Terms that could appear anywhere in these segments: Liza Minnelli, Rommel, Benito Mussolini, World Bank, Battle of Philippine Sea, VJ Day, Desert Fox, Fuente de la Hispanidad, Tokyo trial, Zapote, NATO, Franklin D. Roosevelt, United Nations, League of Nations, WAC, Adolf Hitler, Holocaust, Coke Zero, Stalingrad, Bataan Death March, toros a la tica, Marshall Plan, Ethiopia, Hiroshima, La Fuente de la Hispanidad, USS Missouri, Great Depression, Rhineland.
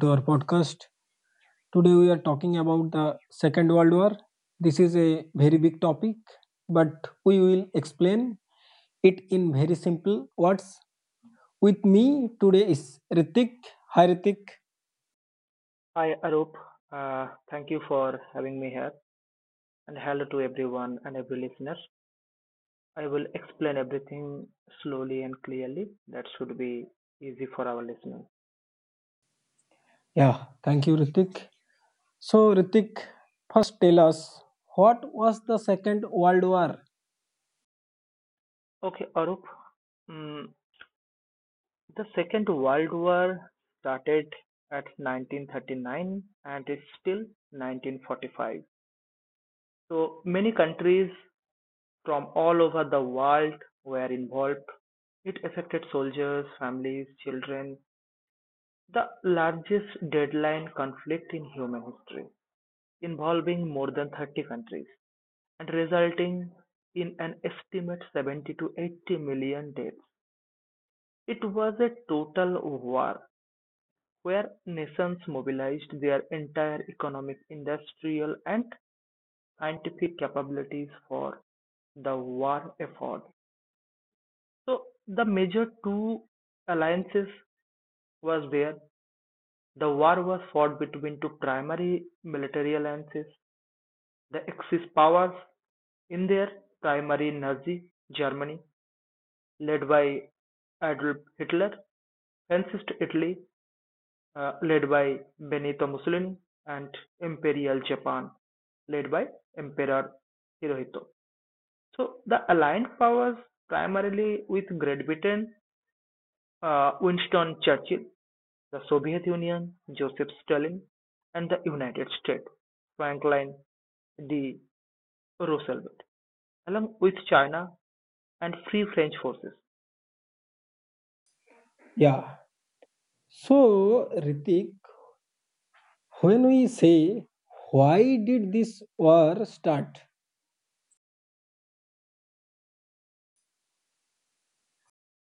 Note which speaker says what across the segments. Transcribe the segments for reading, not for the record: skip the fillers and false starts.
Speaker 1: To our podcast. Today, we are talking about the Second World War. This is a very big topic, but we will explain it in very simple words. With me today is Ritik. Hi, Ritik.
Speaker 2: Hi, Arup. Thank you for having me here, and hello to everyone and every listener. I will explain everything slowly and clearly. That should be easy for our listener.
Speaker 1: Yeah, thank you, Ritik. So, Ritik, first tell us what was the Second World War?
Speaker 2: Okay, Arup. Mm, the Second World War started at 1939 and is still 1945. So many countries from all over the world were involved. It affected soldiers, families, children. The largest deadline conflict in human history, involving more than 30 countries, and resulting in an estimate 70 to 80 million deaths. It was a total war where nations mobilized their entire economic, industrial, and scientific capabilities for the war effort. So the major two alliances was there. The war was fought between two primary military alliances. The Axis powers, in their primary Nazi Germany led by Adolf Hitler, fascist Italy led by Benito Mussolini, and Imperial Japan led by Emperor Hirohito. So the Allied powers, primarily with Great Britain, Winston Churchill, the Soviet Union, Joseph Stalin, and the United States, Franklin D. Roosevelt, along with China and Free French forces. Yeah.
Speaker 1: Yeah. So, Ritik, when we say why did this war start?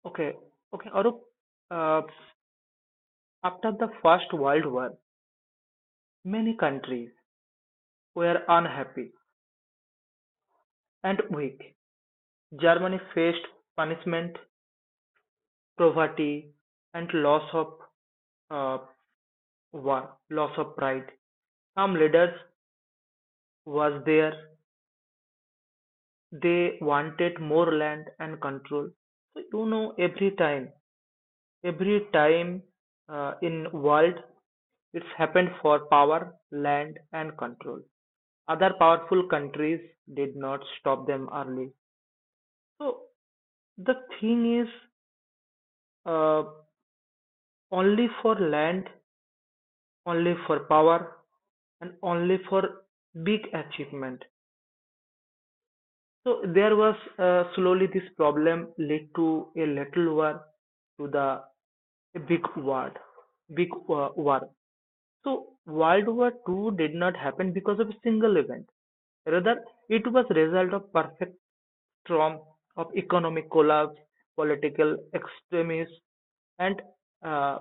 Speaker 2: Okay. Okay, Arup, uh, after the First World War, many countries were unhappy and weak. Germany faced punishment, poverty, and loss of uh, war, loss of pride. Some leaders was there. They wanted more land and control. So you know, every time Every time in world it's happened for power, land and control. Other powerful countries did not stop them early. So the thing is uh, only for land, only for power, and only for big achievement. So there was slowly this problem led to a little war to the a big war, big war. So, World War II did not happen because of a single event. Rather, it was a result of perfect storm of economic collapse, political extremism, and uh,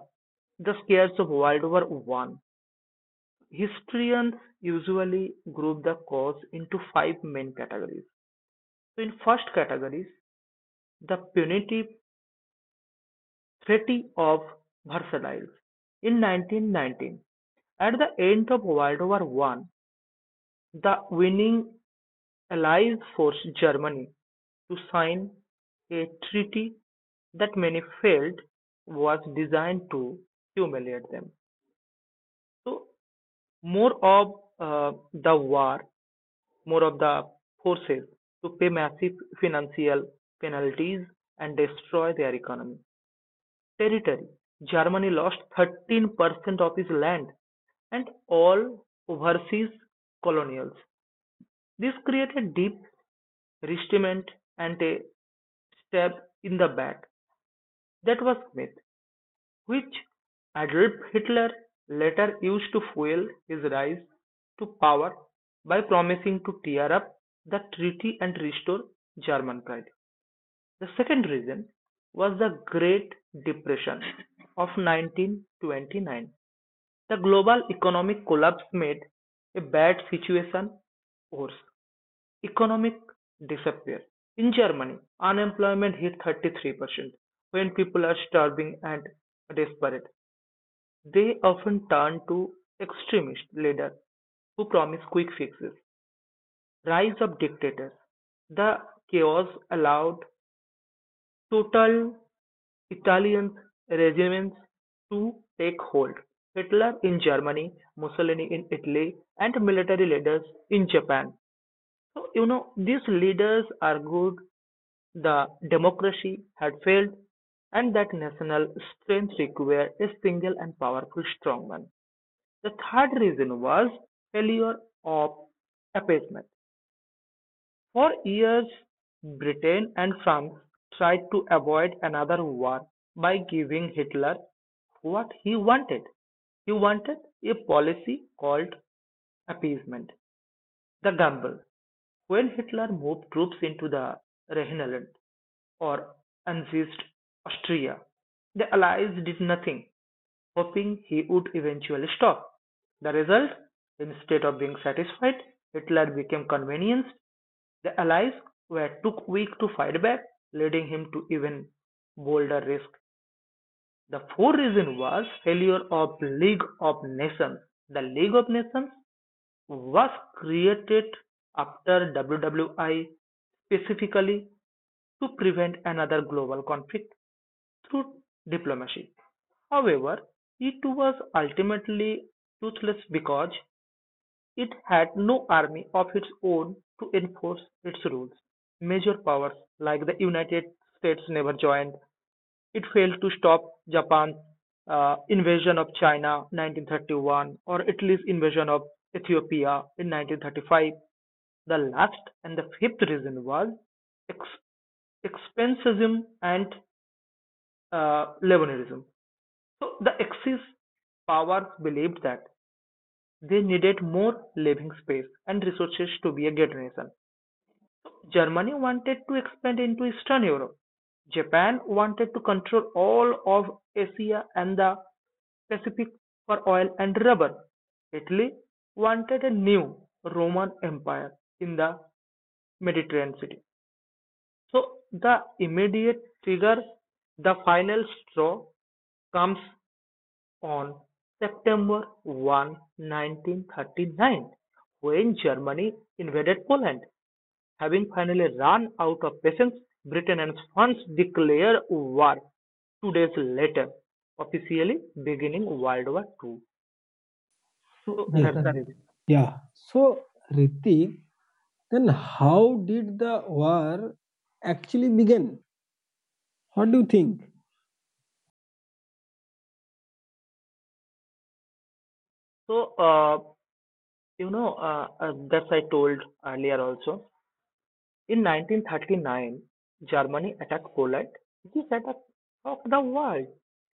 Speaker 2: the scares of World War I. Historians usually group the cause into five main categories. So, in first categories, the punitive treaty of Versailles in 1919. At the end of World War One, the winning Allies forced Germany to sign a treaty that many felt was designed to humiliate them. So more of the war, more of the forces to pay massive financial penalties and destroy their economy. Territory. Germany lost 13% of its land and all overseas colonials. This created deep wristment and a stab in the back. That was myth, which Adolf Hitler later used to fuel his rise to power by promising to tear up the treaty and restore German pride. The second reason was the Great Depression of 1929. The global economic collapse made a bad situation worse. Economic disappear. In Germany, unemployment hit 33%. When people are starving and desperate, they often turn to extremist leaders who promise quick fixes. Rise of dictators. The chaos allowed total Italian regimes to take hold. Hitler in Germany, Mussolini in Italy, and military leaders in Japan. So, you know, these leaders are good. The democracy had failed, and that national strength required a single and powerful strongman. The third reason was failure of appeasement. For years, Britain and France tried to avoid another war by giving Hitler what he wanted. He wanted a policy called appeasement, the gamble. When Hitler moved troops into the Rhineland, or annexed Austria. The Allies did nothing, hoping he would eventually stop. The result, instead of being satisfied, Hitler became convinced the Allies were too weak to fight back, leading him to even bolder risk. The fourth reason was failure of League of Nations. The League of Nations was created after WWI specifically to prevent another global conflict through diplomacy. However, it was ultimately toothless because it had no army of its own to enforce its rules. Major powers like the United States never joined it failed to stop Japan's invasion of China (1931) or Italy's invasion of Ethiopia in 1935. The last and the fifth reason was ex- expansionism and Lebanese. So the Axis powers believed that they needed more living space and resources to be a great nation. So, Germany wanted to expand into Eastern Europe, Japan wanted to control all of Asia and the Pacific for oil and rubber, Italy wanted a new Roman Empire in the Mediterranean city. So the immediate trigger, the final straw, comes on September 1, 1939, when Germany invaded Poland. Having finally run out of patience, Britain and France declare war 2 days later, officially beginning World War II.
Speaker 1: So
Speaker 2: So
Speaker 1: that's
Speaker 2: that's
Speaker 1: Yeah.
Speaker 2: the
Speaker 1: the
Speaker 2: reason.
Speaker 1: Yeah. So, Ritik, then how did the war actually begin? What do you think?
Speaker 2: So, that's I told earlier also. In 1939, Germany attacked Poland. This attack shocked the world.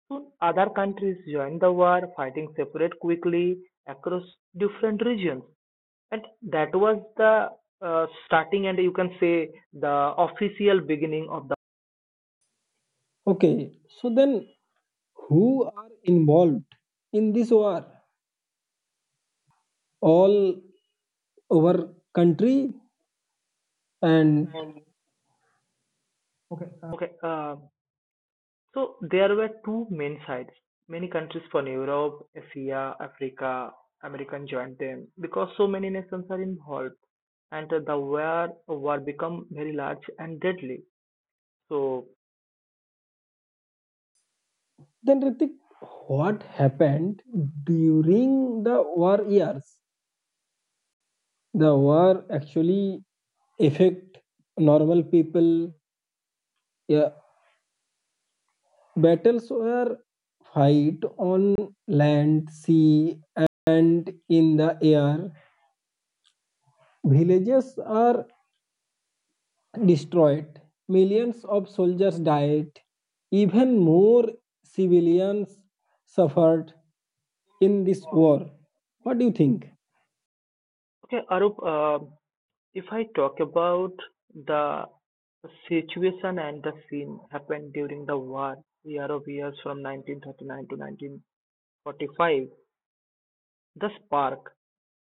Speaker 2: Soon, other countries joined the war, fighting separate quickly across different regions. And that was the starting, and you can say the official beginning of the.
Speaker 1: Okay. So, then who are involved in this war? All over country? And
Speaker 2: And
Speaker 1: Okay.
Speaker 2: okay, so there were two main sides. Many countries from Europe, Asia, Africa, American joined them because so many nations are involved, and the war become very large and deadly. So
Speaker 1: then, Ritik, what happened during the war years? The war actually affect normal people. Yeah. Battles were fight on land, sea, and in the air. Villages are destroyed, millions of soldiers died, even more civilians suffered in this war. What do you think?
Speaker 2: okay, Arup, if I talk about the situation and the scene happened during the war, year of years from 1939 to 1945, the spark.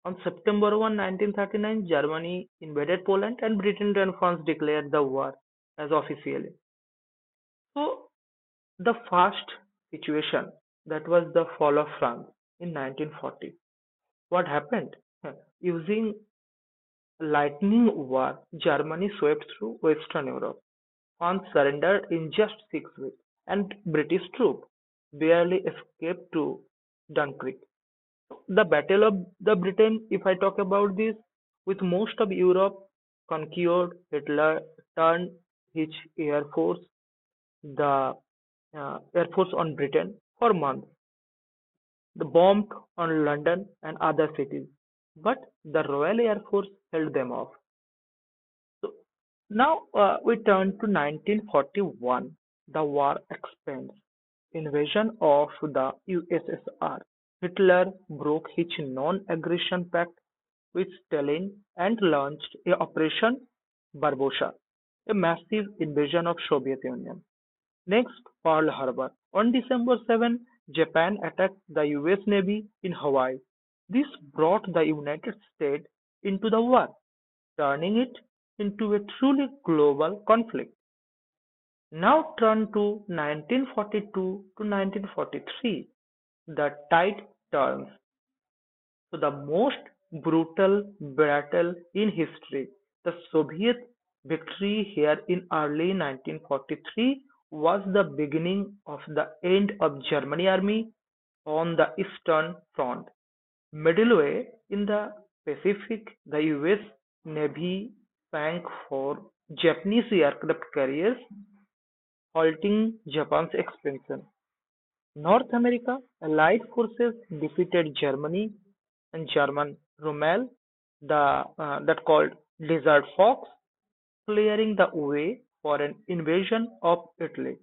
Speaker 2: On September 1, 1939, Germany invaded Poland and Britain and France declared the war as officially. So, the first situation that was the fall of France in 1940. What happened? Using Lightning War Germany swept through Western Europe on surrender in just 6 weeks, and British troops barely escaped to Dunkirk. The Battle of the Britain, if I talk about this, with most of Europe conquered, Hitler turned his air force, the air force on Britain for months. They bombed on London and other cities, but the Royal Air Force held them off. So now we turn to 1941, the war expands. Invasion of the USSR. Hitler broke his non-aggression pact with Stalin and launched a Operation Barbarossa, a massive invasion of Soviet Union. Next, Pearl Harbor. On December 7, Japan attacked the US Navy in Hawaii. This brought the United States into the war, turning it into a truly global conflict. Now turn to 1942 to 1943. The tide turns. So the most brutal battle in history, the Soviet victory here in early 1943, was the beginning of the end of German army on the Eastern Front. Midway in the Pacific, the US Navy sank 4 Japanese aircraft carriers, halting Japan's expansion. North America Allied forces defeated Germany and German Rommel the that called Desert Fox, clearing the way for an invasion of Italy.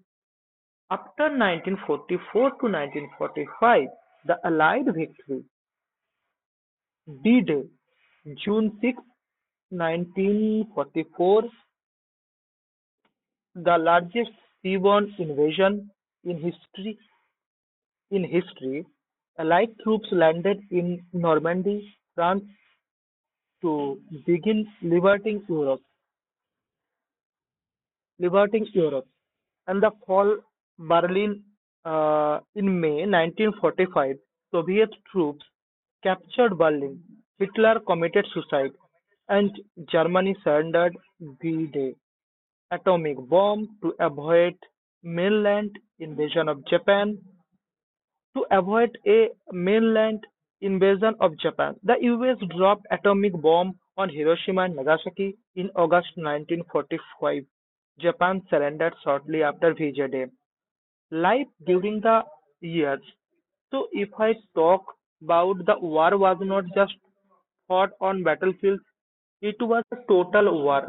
Speaker 2: After 1944 to 1945, the Allied victory, D-Day, June 6, 1944, the largest seaborne invasion in history In history, allied troops landed in Normandy, France to begin liberating Europe, liberating Europe, and the fall Berlin in May 1945. Soviet troops captured Berlin. Hitler committed suicide, and Germany surrendered D-Day atomic bomb to avoid mainland invasion of Japan. To avoid a mainland invasion of Japan, the US dropped atomic bombs on Hiroshima and Nagasaki in August 1945. Japan surrendered shortly after VJ Day. Life during the years. So if I talk about the war was not just fought on battlefields, it was a total war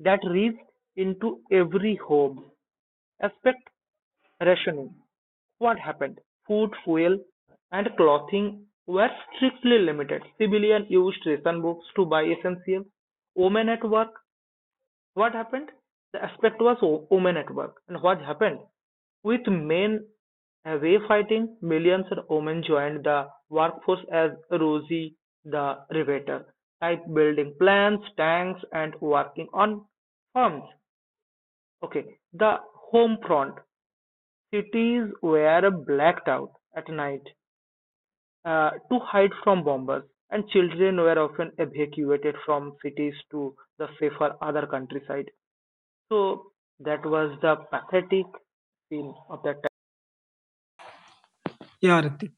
Speaker 2: that reached into every home. Aspect rationing, what happened? Food, fuel, and clothing were strictly limited. Civilians used ration books to buy essentials. Women at work, what happened? The aspect was women at work. And what happened? With men away fighting, millions of women joined the workforce as Rosie the Riveter, type building plants, tanks, and working on farms. Okay, the home front. Cities were blacked out at night to hide from bombers, and children were often evacuated from cities to the safer other countryside. So that was the pathetic scene of that time.
Speaker 1: Yeah, Ritik.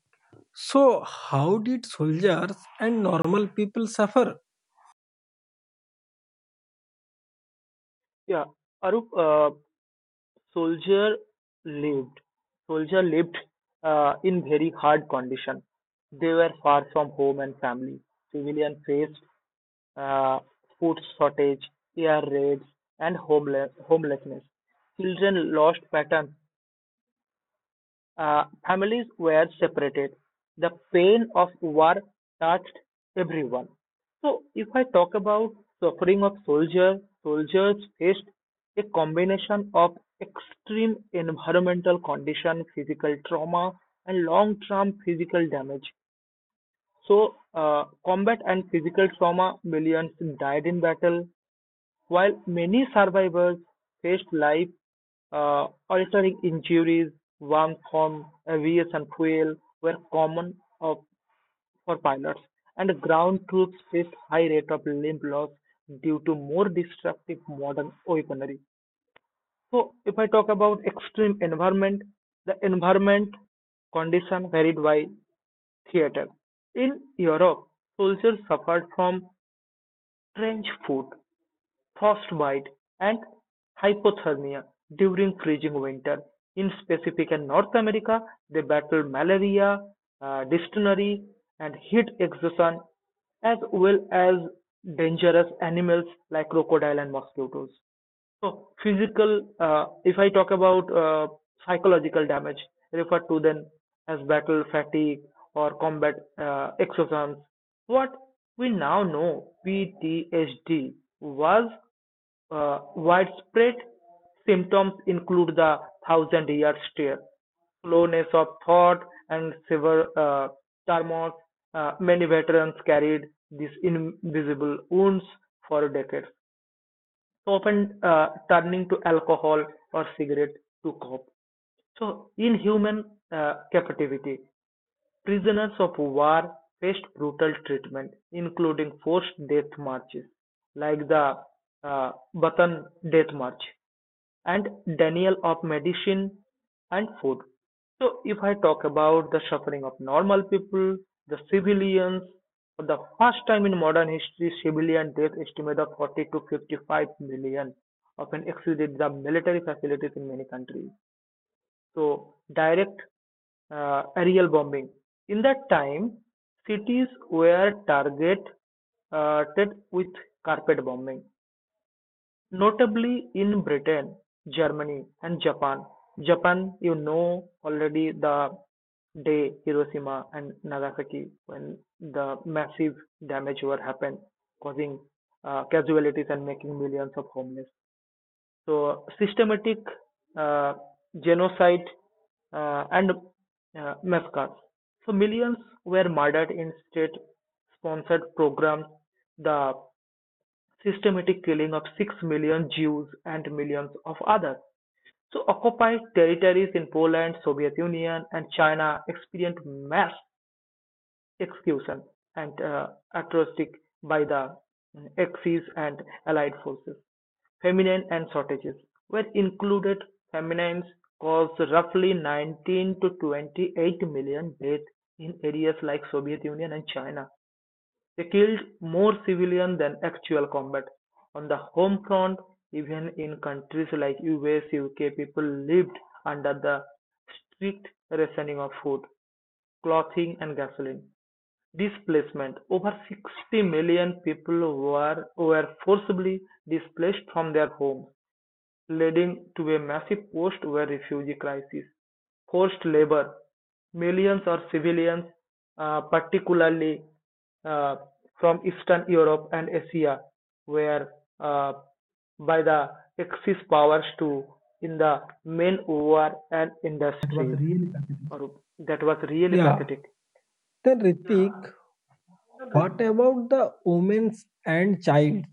Speaker 1: So, how did soldiers and normal people suffer?
Speaker 2: Yeah, Arup, soldier lived soldier lived in very hard condition. They were far from home and family. Civilian faced uh, food shortage, air raids, and homelessness. Children lost patterns families were separated. The pain of war touched everyone. So, if I talk about suffering of soldiers, soldiers faced a combination of extreme environmental condition, physical trauma, and long-term physical damage. So, combat and physical trauma, millions died in battle, while many survivors faced life altering injuries, warm from avarice fuel were common of, for pilots, and ground troops faced high rate of limb loss due to more destructive modern weaponry. So, if I talk about extreme environment, the environment condition varied by theater. In Europe, soldiers suffered from trench foot, frostbite, and hypothermia during freezing winter. In Pacific and North America, they battle malaria, dysentery, and heat exhaustion, as well as dangerous animals like crocodile and mosquitoes. So physical, if I talk about psychological damage referred to then as battle fatigue or combat exosomes, what we now know PTSD was widespread symptoms include the thousand year stare, slowness of thought, and severe turmoil. Many veterans carried these invisible wounds for decades. So, often turning to alcohol or cigarette to cope. So, in human captivity, prisoners of war faced brutal treatment, including forced death marches, like the Batan Death March, and denial of medicine and food. So, if I talk about the suffering of normal people, the civilians, for the first time in modern history, civilian death estimate of 40 to 55 million often exceeded the military facilities in many countries. So, direct aerial bombing. In that time, cities were targeted uh, with carpet bombing, notably in Britain, Germany and Japan. Japan, you know already the day Hiroshima and Nagasaki when the massive damage were happened, causing casualties and making millions of homeless. So systematic uh, genocide and massacres. So millions were murdered in state-sponsored programs. The systematic killing of 6 million Jews and millions of others. So occupied territories in Poland, Soviet Union and China experienced mass execution and atrocity by the Axis and allied forces. Famine and shortages were included. Famines caused roughly 19 to 28 million deaths in areas like Soviet Union and China. They killed more civilians than actual combat. On the home front, even in countries like US, UK, people lived under the strict rationing of food, clothing, and gasoline. Displacement: over 60 million people were forcibly displaced from their homes leading to a massive post-war refugee crisis. Forced labor: millions of civilians, particularly uh, from Eastern Europe and Asia, were uh, by the Axis powers to in the main war and
Speaker 1: That was
Speaker 2: industries.
Speaker 1: really pathetic.
Speaker 2: Arup, that was really
Speaker 1: Yeah.
Speaker 2: pathetic.
Speaker 1: Then,
Speaker 2: Yeah,
Speaker 1: Ritik,
Speaker 2: really.
Speaker 1: what about the women and child?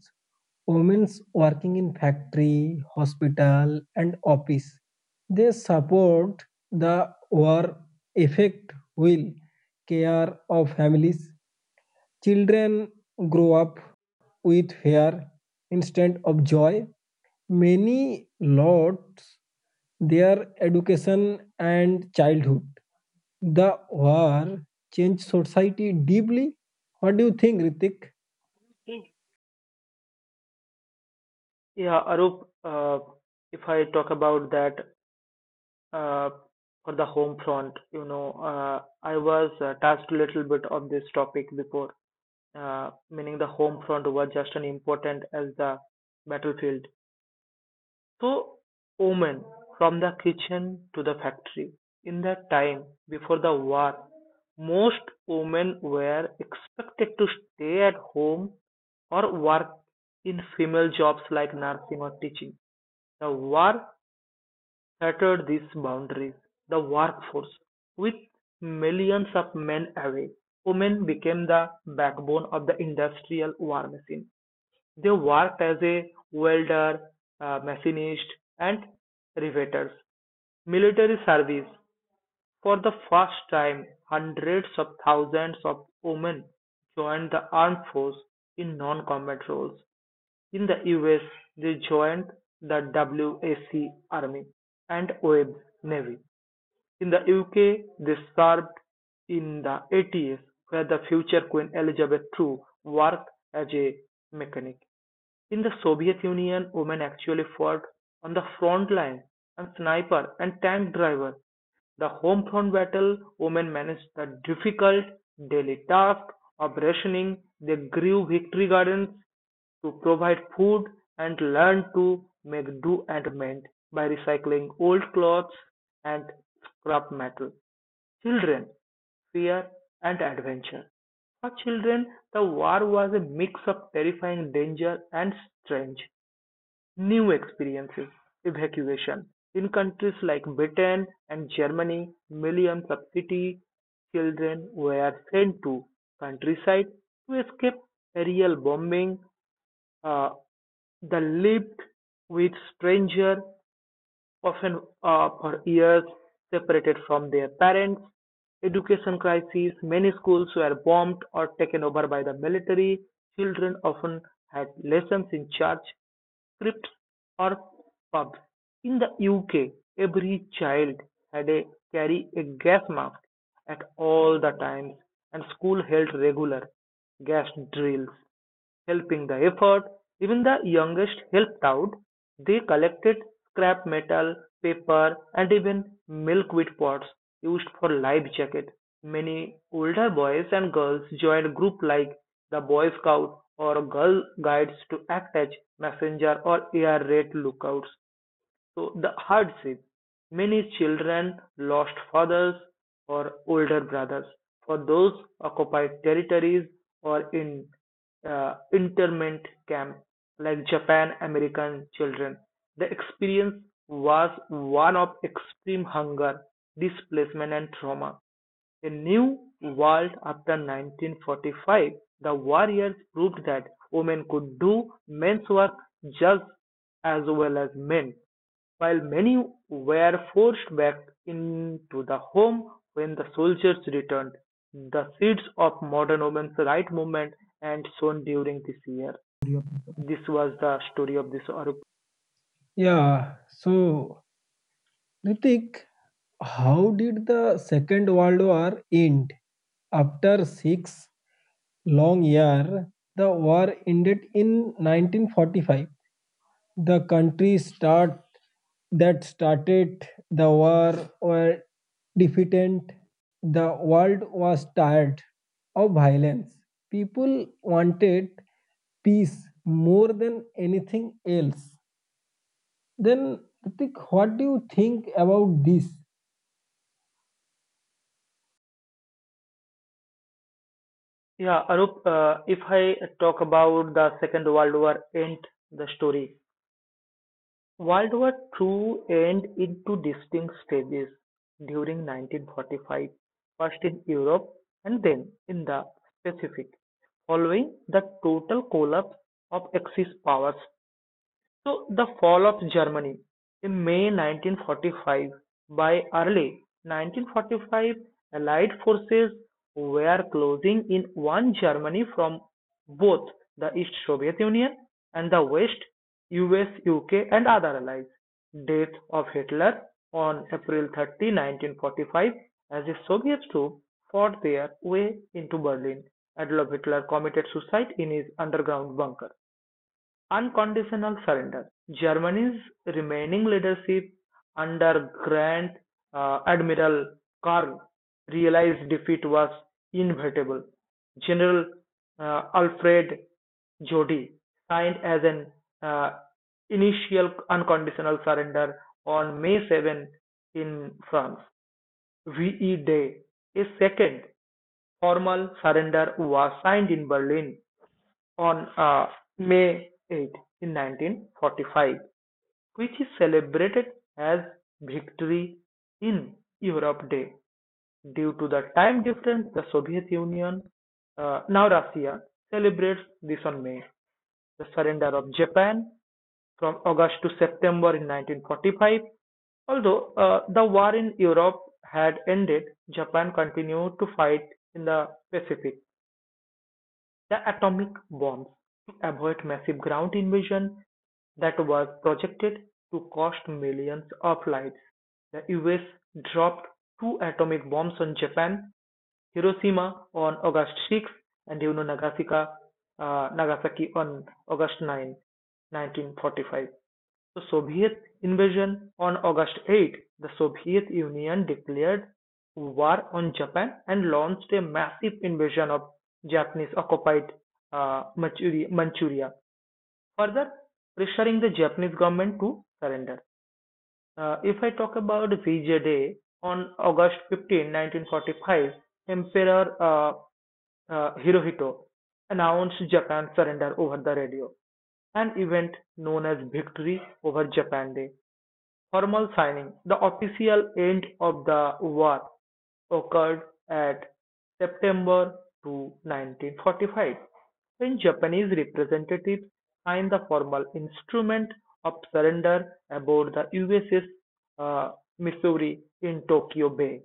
Speaker 1: Women working in factory, hospital, and office. They support the war effect will care of families. Children grow up with fear instead of joy. Many lost their education and childhood. The war changed society deeply. What do you think, Ritik?
Speaker 2: Yeah, Arup, if I talk about that uh, for the home front. You know, I was touched a little bit of this topic before, meaning the home front was just as important as the battlefield. So, women from the kitchen to the factory. In that time before the war, most women were expected to stay at home or work in female jobs like nursing or teaching. The war shattered these boundaries. The workforce: with millions of men away, women became the backbone of the industrial war machine. They worked as a welder, machinist, and riveters. Military service: for the first time, hundreds of thousands of women joined the armed force in non-combat roles. In the US, they joined the WAC Army and Webb Navy. In the UK they served in the 80s where the future Queen Elizabeth True worked as a mechanic. In the Soviet Union, women actually fought on the front line as sniper and tank driver. The home front battle: women managed the difficult daily task of rationing. They grew victory gardens to provide food and learned to make do and mend by recycling old clothes and scrap metal. Children, fear, and adventure. For children, the war was a mix of terrifying danger and strange, new experiences. Evacuation: in countries like Britain and Germany, millions of city children were sent to countryside to escape aerial bombing. Uh, they lived with stranger often for years separated from their parents. Education crises: many schools were bombed or taken over by the military. Children often had lessons in church, crypts, or pubs. In the UK, every child had a carry a gas mask at all the times, and school held regular gas drills. Helping the effort: even the youngest helped out. They collected scrap metal, paper, and even milkweed pods used for life jacket. Many older boys and girls joined group like the Boy Scouts or Girl Guides to act as messenger or air raid lookouts. So the hardship: many children lost fathers or older brothers. For those occupied territories or in internment camps, like Japan American children, the experience was one of extreme hunger, displacement, and trauma. A new world after 1945, the war years proved that women could do men's work just as well as men. While many were forced back into the home when the soldiers returned, the seeds of modern women's right movement and sown during this year. This was the story of this Arup.
Speaker 1: Yeah, so Ritik, how did the Second World War end? After six long years, the war ended in 1945. The countries start that started the war were defeated. The world was tired of violence. People wanted peace more than anything else. Then, Ritik, what do you think about this?
Speaker 2: Yeah, Arup, if I talk about the Second World War end the story, World War Two and into distinct stages during 1945, first in Europe and then in the Pacific, following the total collapse of Axis powers. So the fall of Germany in May 1945: by early 1945 allied forces were closing in on Germany from both the East Soviet Union and the West US, UK and other allies. Death of Hitler on April 30, 1945, as the Soviets troops fought their way into Berlin, Adolf Hitler committed suicide in his underground bunker. Unconditional surrender: Germany's remaining leadership under Grand Admiral Karl realized defeat was inevitable. General Alfred Jody signed as an uh, initial unconditional surrender on May 7 in France. VE Day: a second formal surrender was signed in Berlin on May 8 in 1945, which is celebrated as Victory in Europe Day. Due to the time difference, the Soviet Union, now Russia, celebrates this on May. The surrender of Japan from August to September in 1945: although the war in Europe had ended, Japan continued to fight in the Pacific. The atomic bombs: to avoid massive ground invasion that was projected to cost millions of lives, the US dropped two atomic bombs on Japan, Hiroshima on August 6 and you know Nagasaki, Nagasaki on August 9, 1945. The Soviet invasion: on August 8, the Soviet Union declared war on Japan and launched a massive invasion of Japanese occupied uh, Manchuria, further pressuring the Japanese government to surrender. If I talk about VJ Day, on August 15, 1945, Emperor Hirohito announced Japan's surrender over the radio, an event known as Victory over Japan Day. Formal signing: the official end of the war occurred at September to 1945, when Japanese representatives signed the formal instrument of surrender aboard the USS uh, Missouri in Tokyo Bay.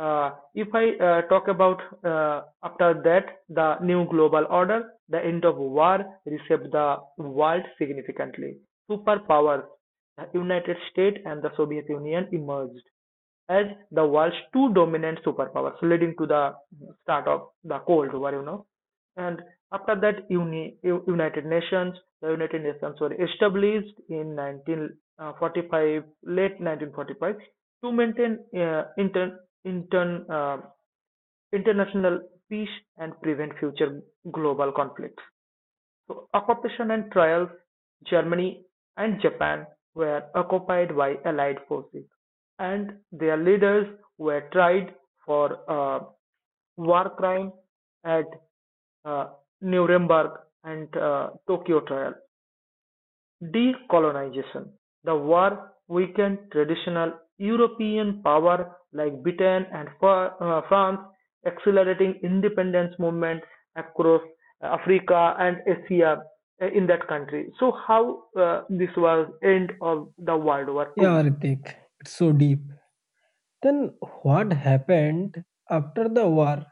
Speaker 2: If I talk about after that the new global order, the end of war reshaped the world significantly. Superpowers: the United States and the Soviet Union emerged as the world's two dominant superpowers, leading to the start of the Cold War, you know. And after that, United Nations: the United Nations were established in 1945, late 1945, to maintain international peace and prevent future global conflicts. So, occupation and trials: Germany and Japan were occupied by Allied forces, and their leaders were tried for war crime at uh, Nuremberg and Tokyo trial. Decolonization: the war weakened traditional European powers like Britain and France, accelerating independence movements across Africa and Asia in that country. So how this was end of the World War
Speaker 1: Yeah,
Speaker 2: II?
Speaker 1: Ritik, it's so deep. Then what happened after the war?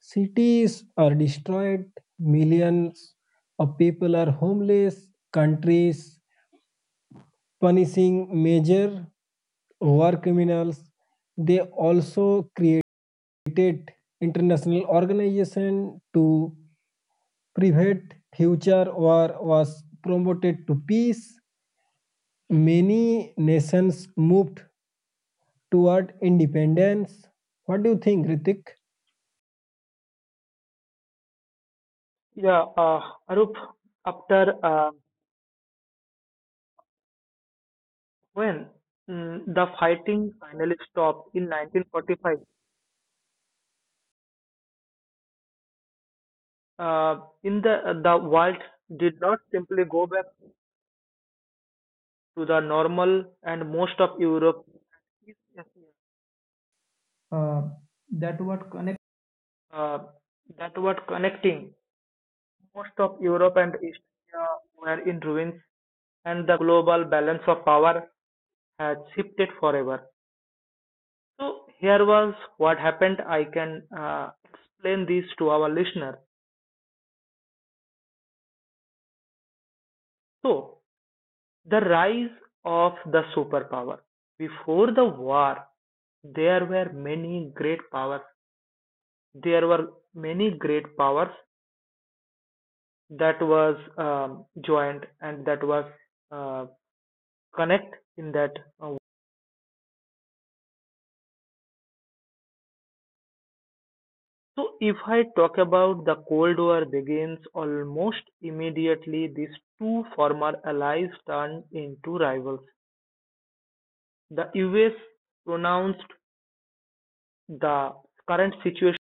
Speaker 1: Cities are destroyed, millions of people are homeless, countries punishing major war criminals. They also created international organization to prevent future war was promoted to peace. Many nations moved toward independence. What do you think, Ritik?
Speaker 2: Yeah, Arup, after when the fighting finally stopped in 1945, in the world did not simply go back to the normal and most of Europe.
Speaker 1: Uh, that what connects
Speaker 2: Uh, that was connecting most of Europe and East Asia were in ruins, and the global balance of power had shifted forever. So here was what happened. I can explain this to our listener. So the rise of the superpower. Before the war, there were many great powers. There were many great powers that was joined and that was uh, connect in that uh, so if I talk about the cold war begins almost immediately, these two former allies turned into rivals. The US pronounced the current situation,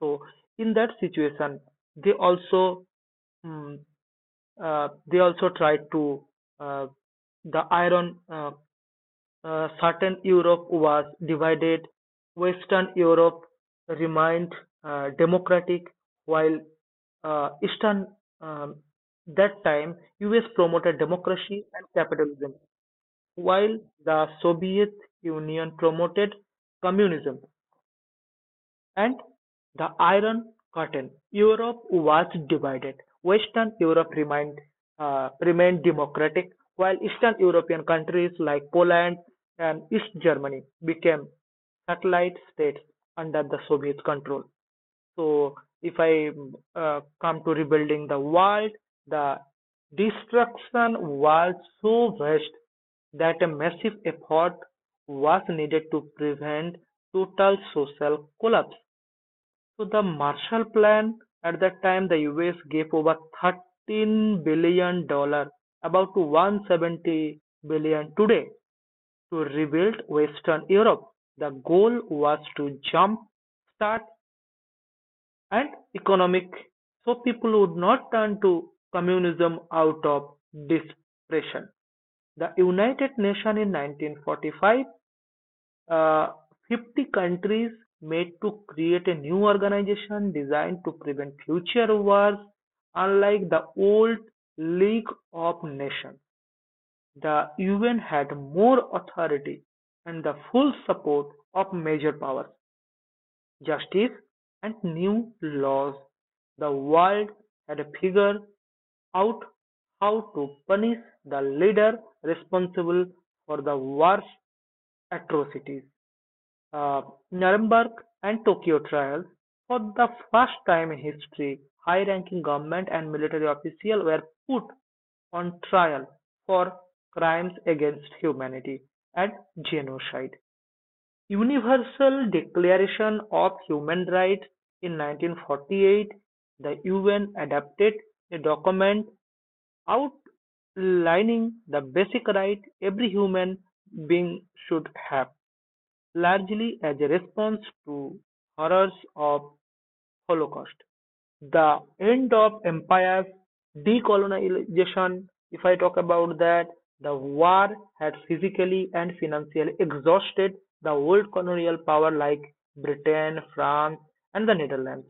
Speaker 2: so in that situation they also mm, they also tried to uh, the iron certain Europe was divided. Western Europe remained democratic, while Eastern um, that time US promoted democracy and capitalism, while the Soviet Union promoted communism. And the Iron Curtain, Europe was divided. Western Europe remained democratic, while Eastern European countries like Poland and East Germany became satellite states under the Soviet control. So, if I come to rebuilding the world, the destruction was so vast that a massive effort was needed to prevent total social collapse. So the Marshall Plan: at that time the US gave over 13 billion dollars, about to 170 billion today, to rebuild western Europe. The goal was to jump start and economic so people would not turn to communism out of depression. The United Nations: in 1945 uh, 50 countries made to create a new organization designed to prevent future wars. Unlike the old League of Nations, the UN had more authority and the full support of major powers. Justice and new laws: the world had to figure out how to punish the leader responsible for the worst atrocities. uh, Nuremberg and Tokyo trials: for the first time in history, high ranking government and military officials were put on trial for crimes against humanity and genocide. Universal Declaration of Human Rights: in 1948, the UN adopted a document outlining the basic right every human being should have. Largely as a response to horrors of Holocaust, the end of empires, decolonization, if I talk about that, the war had physically and financially exhausted the old colonial power like Britain, France, and the Netherlands.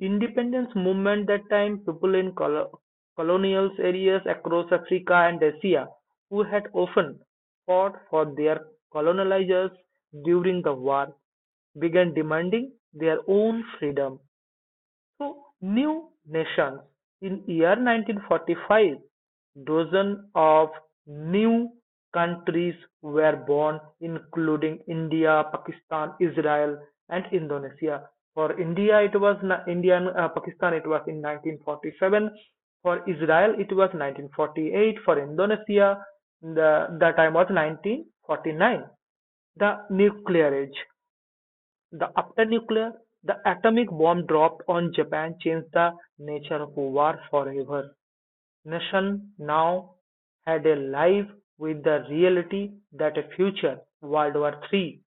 Speaker 2: Independence movement that time people in colonial areas across Africa and Asia who had often fought for their colonizers during the war began demanding their own freedom. So, new nations. In year 1945, dozen of new countries were born, including India, Pakistan, Israel, and Indonesia. For India, it was India and Pakistan. It was in 1947. For Israel, it was 1948. For Indonesia, the time was 1949. The nuclear age. The After nuclear, the atomic bomb dropped on Japan changed the nature of war forever. Nation now had a life with the reality that a future World War III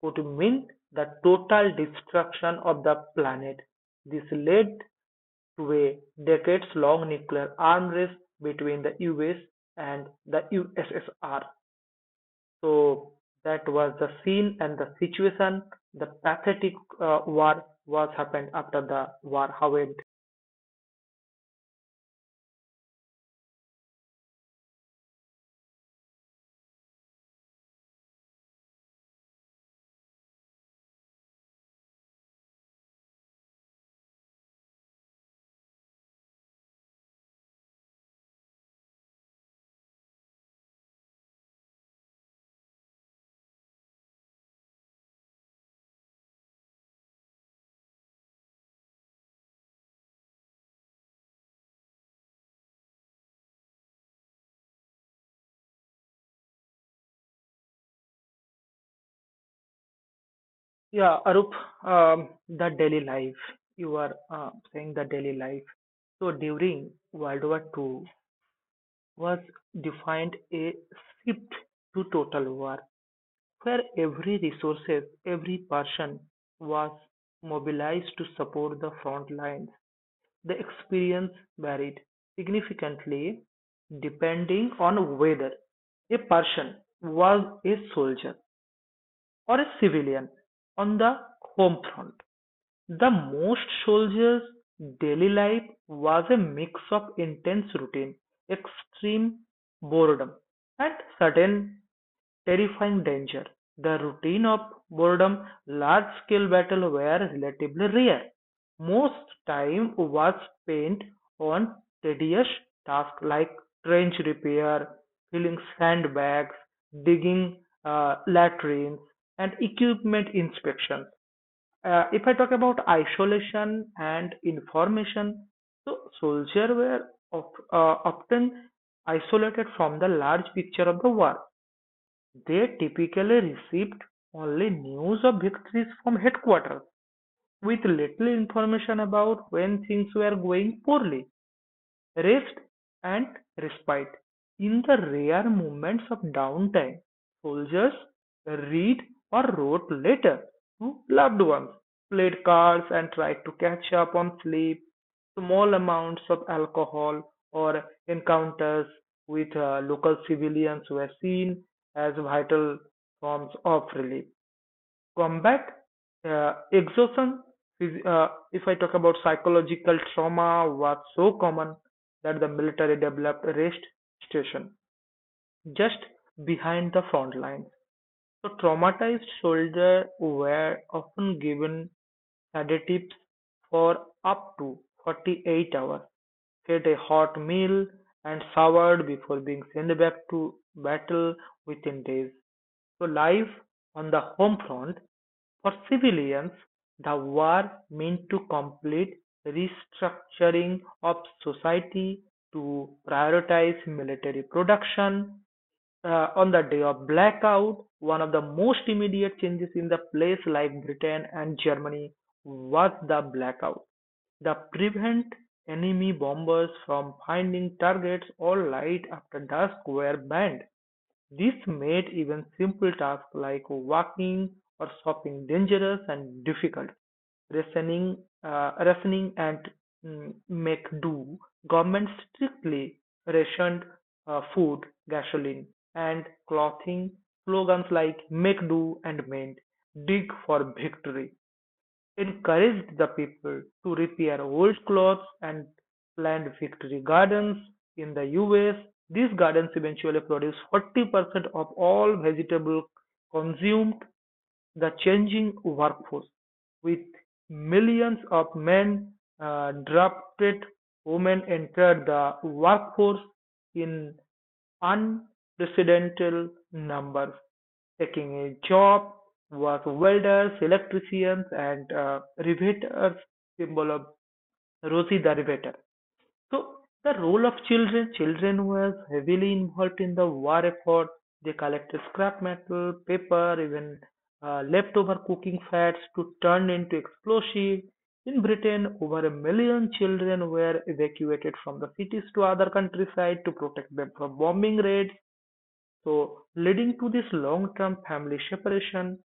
Speaker 2: could mean the total destruction of the planet. This led to a decades long nuclear arms race between the US and the USSR. So that was the scene and the situation. The pathetic war was happened after the war. How it? Yeah, Arup, the daily life. You are saying the daily life. So during World War II was defined a shift to total war, where every resources, every person was mobilized to support the front lines. The experience varied significantly depending on whether a person was a soldier or a civilian on the home front. The most soldiers' daily life was a mix of intense routine, extreme boredom, and sudden terrifying danger. The routine of boredom, large scale battle were relatively rare. Most time was spent on tedious tasks like trench repair, filling sandbags, digging latrines, and equipment inspections. If I talk about isolation and information, so soldiers were of, often isolated from the large picture of the war. They typically received only news of victories from headquarters, with little information about when things were going poorly. Rest and respite. In the rare moments of downtime, soldiers read or wrote letters to loved ones, played cards, and tried to catch up on sleep. Small amounts of alcohol or encounters with local civilians were seen as vital forms of relief combat exhaustion. If I talk about psychological trauma, was so common that the military developed rest station just behind the front lines. So traumatized soldiers were often given sedatives for up to 48 hours ate a hot meal, and showered before being sent back to battle within days. So, life on the home front for civilians, the war meant to complete restructuring of society to prioritize military production on the day of blackout, one of the most immediate changes in the place like Britain and Germany was the blackout. The prevent enemy bombers from finding targets or light after dusk were banned. This made even simple tasks like walking or shopping dangerous and difficult. Rationing, uh, rationing and make do. Government strictly rationed food, gasoline, and clothing. Slogans like make do and mend, dig for victory encouraged the people to repair old clothes and plant victory gardens. In the US, these gardens eventually produced 40% of all vegetables consumed. The changing workforce, with millions of men drafted, women entered the workforce in unprecedented numbers taking a job was welders, electricians and riveters symbol of Rosie the Riveter. So the role of children, children was heavily involved in the war effort. They collected scrap metal, paper, even leftover cooking fats to turn into explosives. In Britain, over a million children were evacuated from the cities to other countryside to protect them from bombing raids. So, leading to this long-term family separation,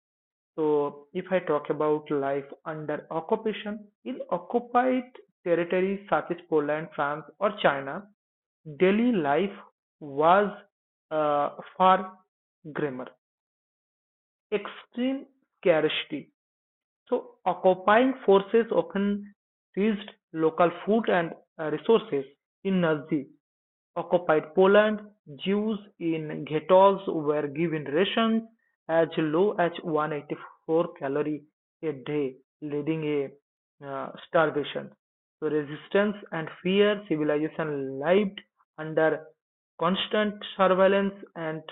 Speaker 2: so, if I talk about life under occupation, in occupied territories such as Poland, France, or China, daily life was uh, far grimmer. Extreme scarcity. So, occupying forces often seized local food and resources in Nazi Occupied Poland, Jews in ghettos were given rations as low as 184 calories a day, leading a starvation. So resistance and fear, civilization lived under constant surveillance and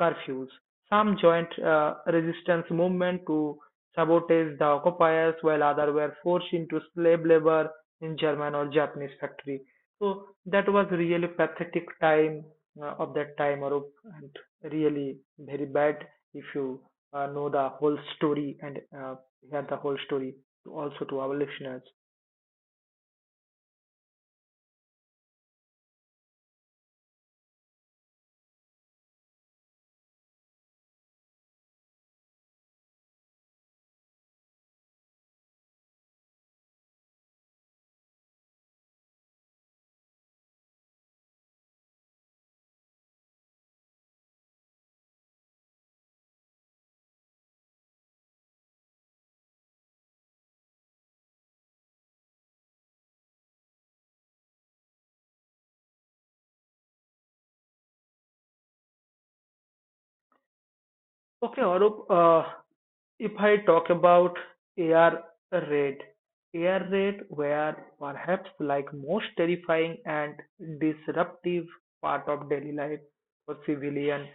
Speaker 2: curfews. Some joined resistance movement to sabotage the occupiers, while others were forced into slave labor in German or Japanese factory. So that was really pathetic time of that time, Arup, and really very bad if you know the whole story and hear the whole story also to our listeners. Okay, Arup, if I talk about air raid, air raid were perhaps like most terrifying and disruptive part of daily life for civilian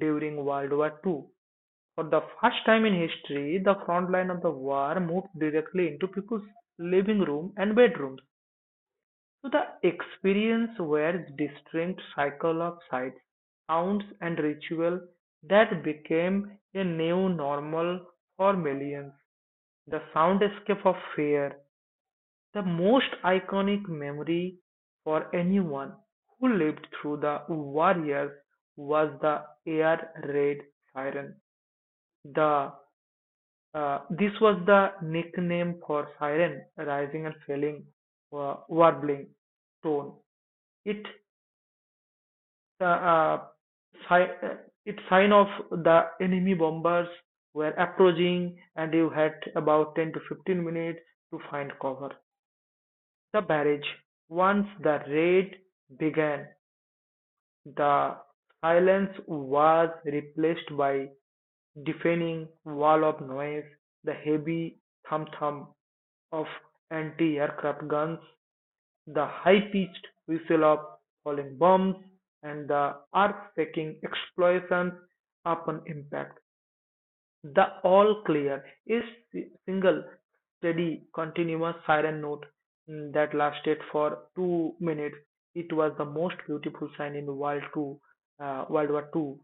Speaker 2: during World War II. For the first time in history, the front line of the war moved directly into people's living room and bedrooms. So the experience were distinct cycle of sights, sounds and ritual that became a new normal for millions. The sound escape of fear, the most iconic memory for anyone who lived through the war years was the air raid siren. The This was the nickname for siren, rising and falling, warbling tone. It uh, uh, si- uh, it sign of the enemy bombers were approaching, and you had about 10 to 15 minutes to find cover. The barrage. Once the raid began, the silence was replaced by deafening wall of noise. The heavy thump thump of anti-aircraft guns, the high-pitched whistle of falling bombs, and the earth-shaking explosions upon impact. The all clear is single steady continuous siren note that lasted for 2 minutes. It was the most beautiful sign in World Two, World War Two.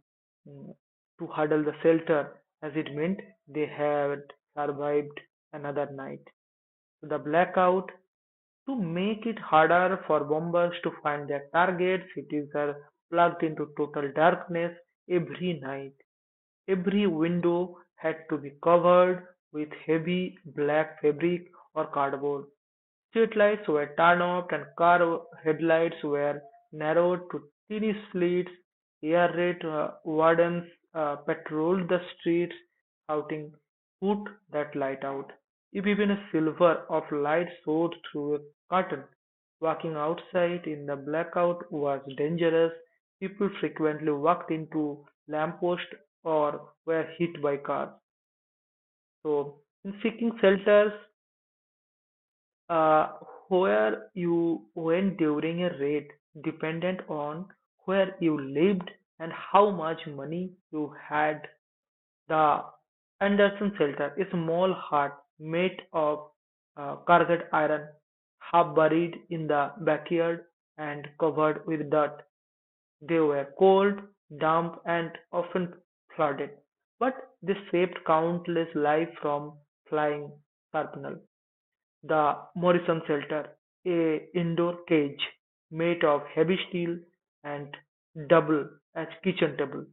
Speaker 2: mm, To huddle the shelter, as it meant they had survived another night the blackout to make it harder for bombers to find their targets. Cities are plugged into total darkness every night. Every window had to be covered with heavy black fabric or cardboard. Streetlights were turned off and car headlights were narrowed to tiny slits. Air raid wardens patrolled the streets, shouting, "Put that light out." If even a silver of light showed through a curtain, walking outside in the blackout was dangerous. People frequently walked into lampposts or were hit by cars. So, in seeking shelters, uh, where you went during a raid depended on where you lived and how much money you had. The Anderson shelter, a small hut made of carved iron, half buried in the backyard and covered with dirt. They were cold, damp, and often flooded, but they saved countless lives from flying shrapnel. The Morrison shelter, a indoor cage made of heavy steel and double as kitchen table.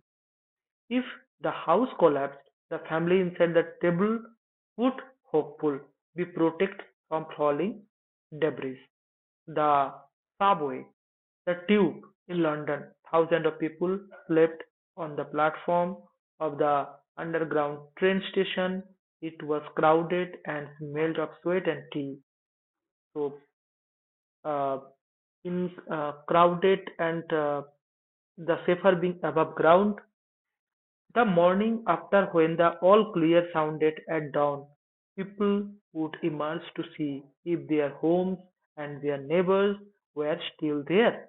Speaker 2: If the house collapsed, the family inside the table would hopeful be protected from falling debris. The subway, the tube in London, thousands of people slept on the platform of the underground train station. It was crowded and smelled of sweat and tea. So uh, in crowded and the safer being above ground, the morning after when the all clear sounded at dawn, people would emerge to see if their homes and their neighbors were still there.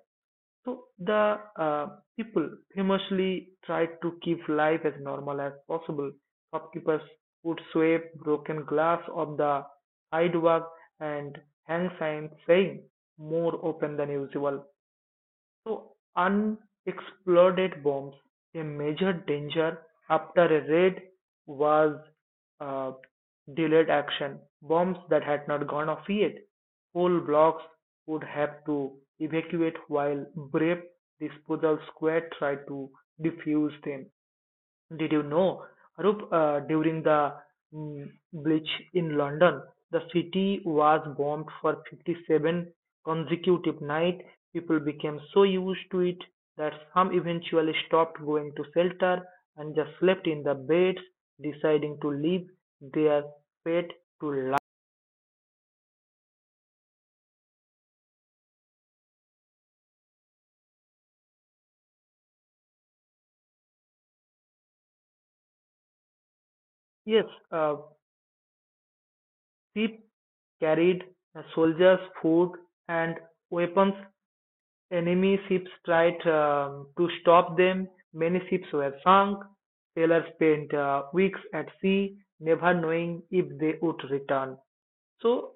Speaker 2: So the people famously tried to keep life as normal as possible. Shopkeepers would sweep broken glass off the sidewalk and hang signs saying "more open than usual." So unexploded bombs, a major danger after a raid, was uh, delayed action. Bombs that had not gone off yet, whole blocks would have to evacuate while brave disposal squad tried to defuse them. Did you know, Arup, during the Blitz in London, the city was bombed for 57 consecutive nights. People became so used to it that some eventually stopped going to shelter and just slept in the beds, deciding to leave their pet to life. Yes, uh, people carried soldiers, food, and weapons Enemy ships tried to stop them, many ships were sunk, sailors spent weeks at sea, never knowing if they would return. So,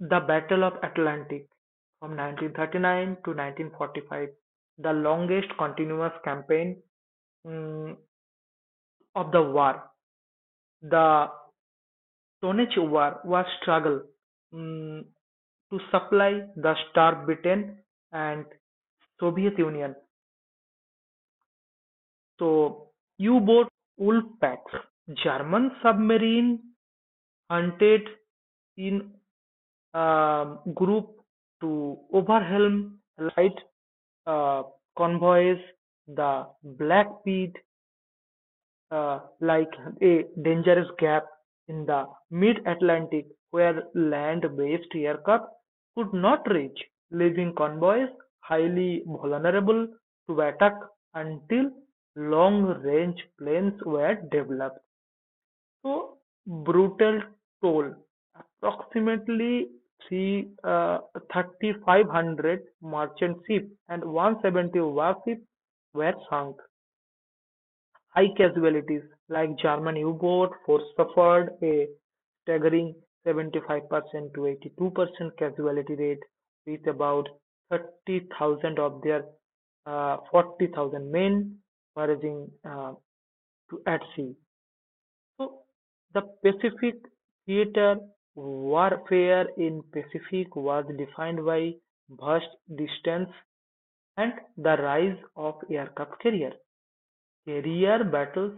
Speaker 2: the Battle of Atlantic from 1939 to 1945, the longest continuous campaign mm, of the war. The Tonnage War was struggle mm, to supply the starved Britain and Soviet Union So U-boat "Ulpix", German submarine hunted in a group to overwhelm light uh, convoys the Black Pit like a dangerous gap in the mid Atlantic where land based aircraft could not reach, leaving convoys highly vulnerable to attack until long range planes were developed. So, brutal toll approximately three, uh, 3,500 merchant ships and 170 warships were sunk. High casualties, like German U-boat force suffered a staggering 75% to 82% casualty rate, with about 30,000 of their 40,000 men foraging to at sea. So the Pacific theater warfare in Pacific was defined by vast distance and the rise of aircraft carrier. Career battles,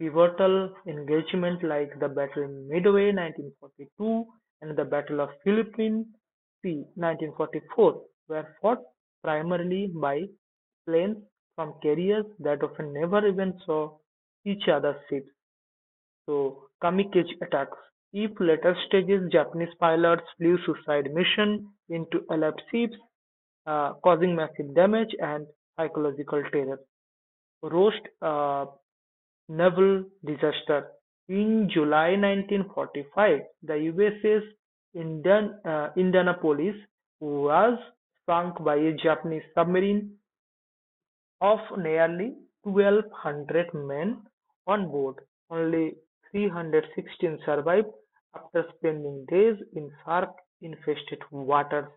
Speaker 2: pivotal engagements like the Battle of Midway (1942) and the Battle of Philippine Sea (1944) were fought primarily by planes from carriers that often never even saw each other's ships So kamikaze attacks. If later stages Japanese pilots flew suicide missions into Allied ships, causing massive damage and psychological terror. Roast a naval disaster. In July 1945, the USS Indianapolis was sunk by a Japanese submarine of nearly 1,200 men on board, only 316 survived after spending days in shark-infested waters.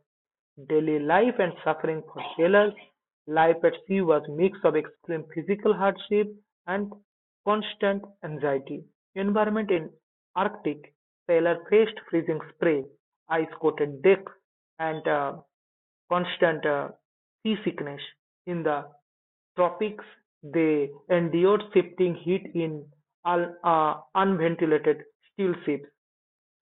Speaker 2: Daily life and suffering for sailors, life at sea was a mix of extreme physical hardship and constant anxiety. Environment in Arctic, sailors faced freezing spray, ice-coated decks, and constant sea sickness in the tropics they endured shifting heat in unventilated steel ships.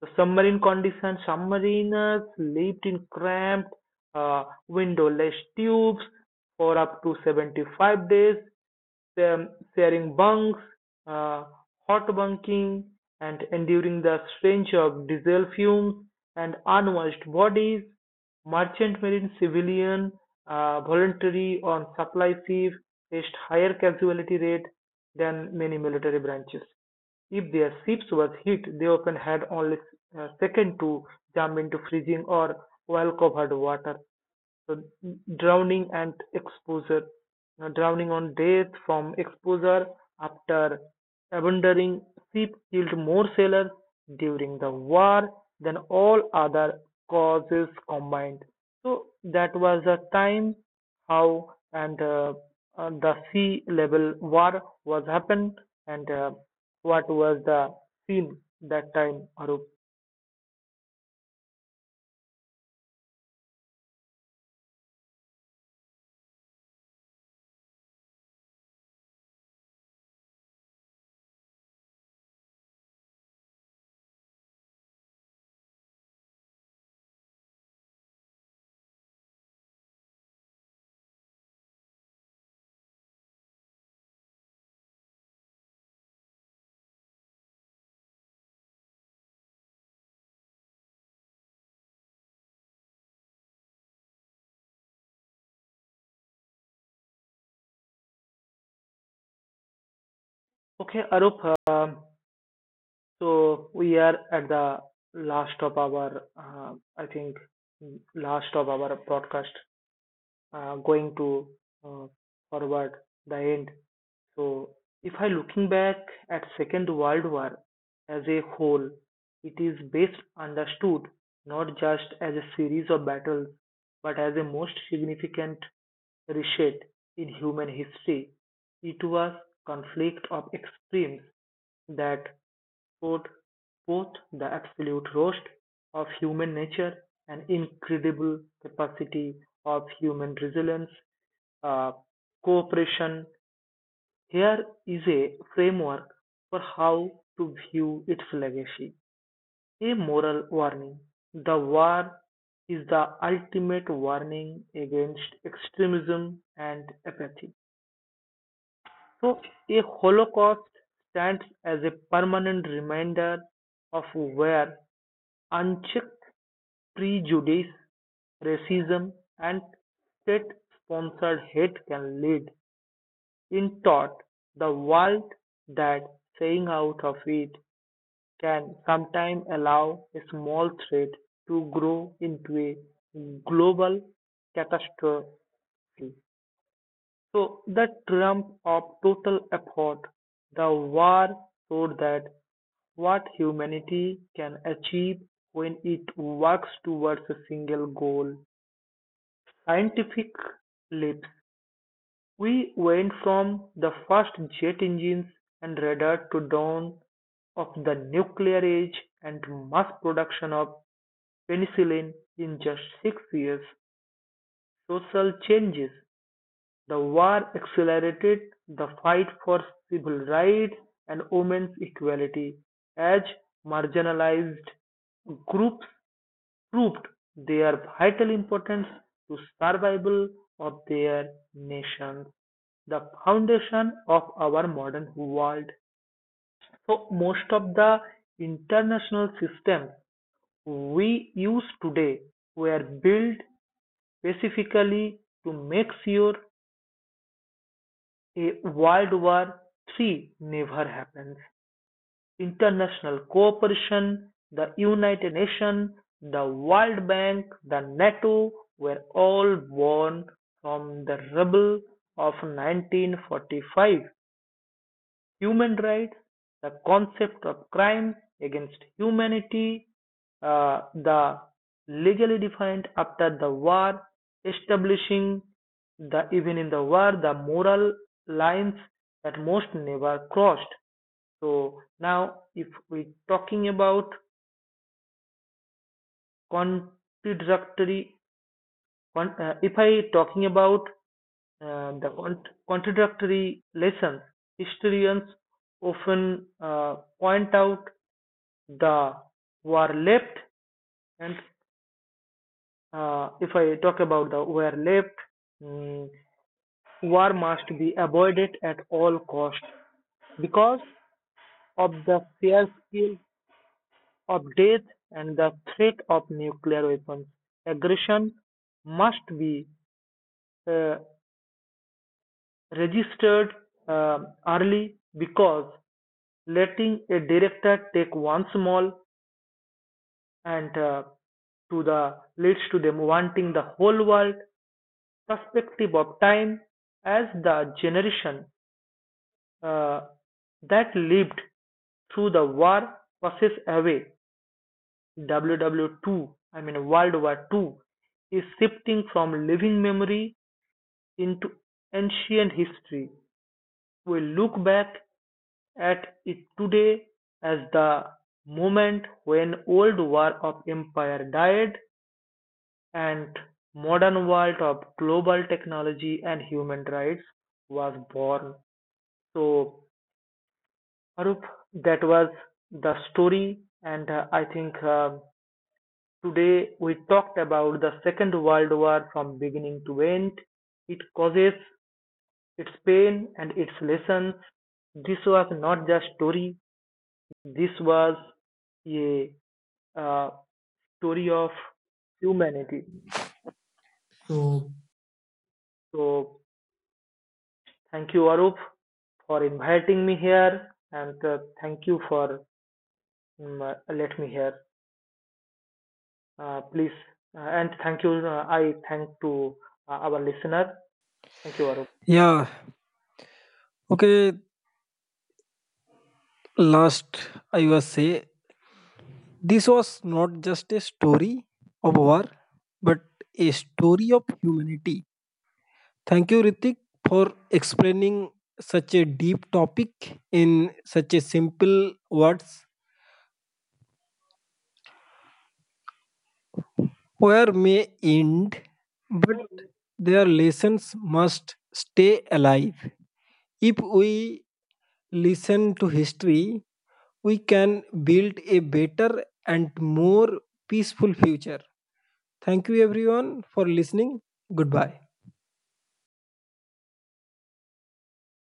Speaker 2: The submarine conditions: submariners lived in cramped, windowless tubes for up to 75 days, um, sharing bunks, uh, hot bunking, and enduring the stench of diesel fumes and unwashed bodies. Merchant marine civilian voluntary on supply ship faced higher casualty rate than many military branches. If their ships were hit, they often had only seconds to jump into freezing or oil-covered water. So drowning and exposure. Now, drowning on death from exposure after abandoning ship killed more sailors during the war than all other causes combined. So that was the time how and the sea level war was happened and what was the scene that time, Arup? Okay, Arup, so we are at the last of our, I think, last of our broadcast, going to uh, forward the end. So if I looking back at Second World War as a whole, it is best understood not just as a series of battles, but as a most significant Reshaped in human history, it was conflict of extremes that showed both the absolute roast of human nature and incredible capacity of human resilience, uh, cooperation. Here is a framework for how to view its legacy. A moral warning. The war is the ultimate warning against extremism and apathy. So a holocaust stands as a permanent reminder of where unchecked prejudice, racism, and state sponsored hate can lead. In thought, the world that saying out of it can sometimes allow a small threat to grow into a global catastrophe. So the triumph of total effort, the war showed that what humanity can achieve when it works towards a single goal. Scientific leaps. We went from the first jet engines and radar to dawn of the nuclear age and mass production of penicillin in just 6 years. Social changes. The war accelerated the fight for civil rights and women's equality, as marginalized groups proved their vital importance to survival of their nations, the foundation of our modern world. So most of the international systems we use today were built specifically to make sure A World War III never happens. International cooperation, the United Nations, the World Bank, the NATO were all born from the rubble of 1945 human rights, the concept of crime against humanity, the legally defined after the war, establishing the even in the war the moral lines that most never crossed. So now, if we talking about contradictory, if I talking about the contradictory lessons, historians often point out the were left and if I talk about the were left, mm, war must be avoided at all cost because of the fear skill of death and the threat of nuclear weapons. Aggression must be uh, registered uh, early because letting a director take one small and to the leads to them wanting the whole world perspective of time as the generation uh, that lived through the war passes away. WWII, I mean World War II, is shifting from living memory into ancient history. We look back at it today as the moment when old war of empire died and modern world of global technology and human rights was born. So, Arup, that was the story, and I think today we talked about the Second World War from beginning to end, its causes, its pain, and its lessons. This was not just story. This was a uh, story of humanity.
Speaker 1: So,
Speaker 2: So, thank you, Arup, for inviting me here, and thank you for let me here. Please. And thank you. I thank to our listener. Thank you, Arun.
Speaker 1: Yeah. Okay. Last, I was say this was not just a story of war, but a story of humanity. Thank you, Ritik, for explaining such a deep topic in such a simple words. War may end, but their lessons must stay alive. If we listen to history, we can build a better and more peaceful future. Thank you everyone for listening. Goodbye.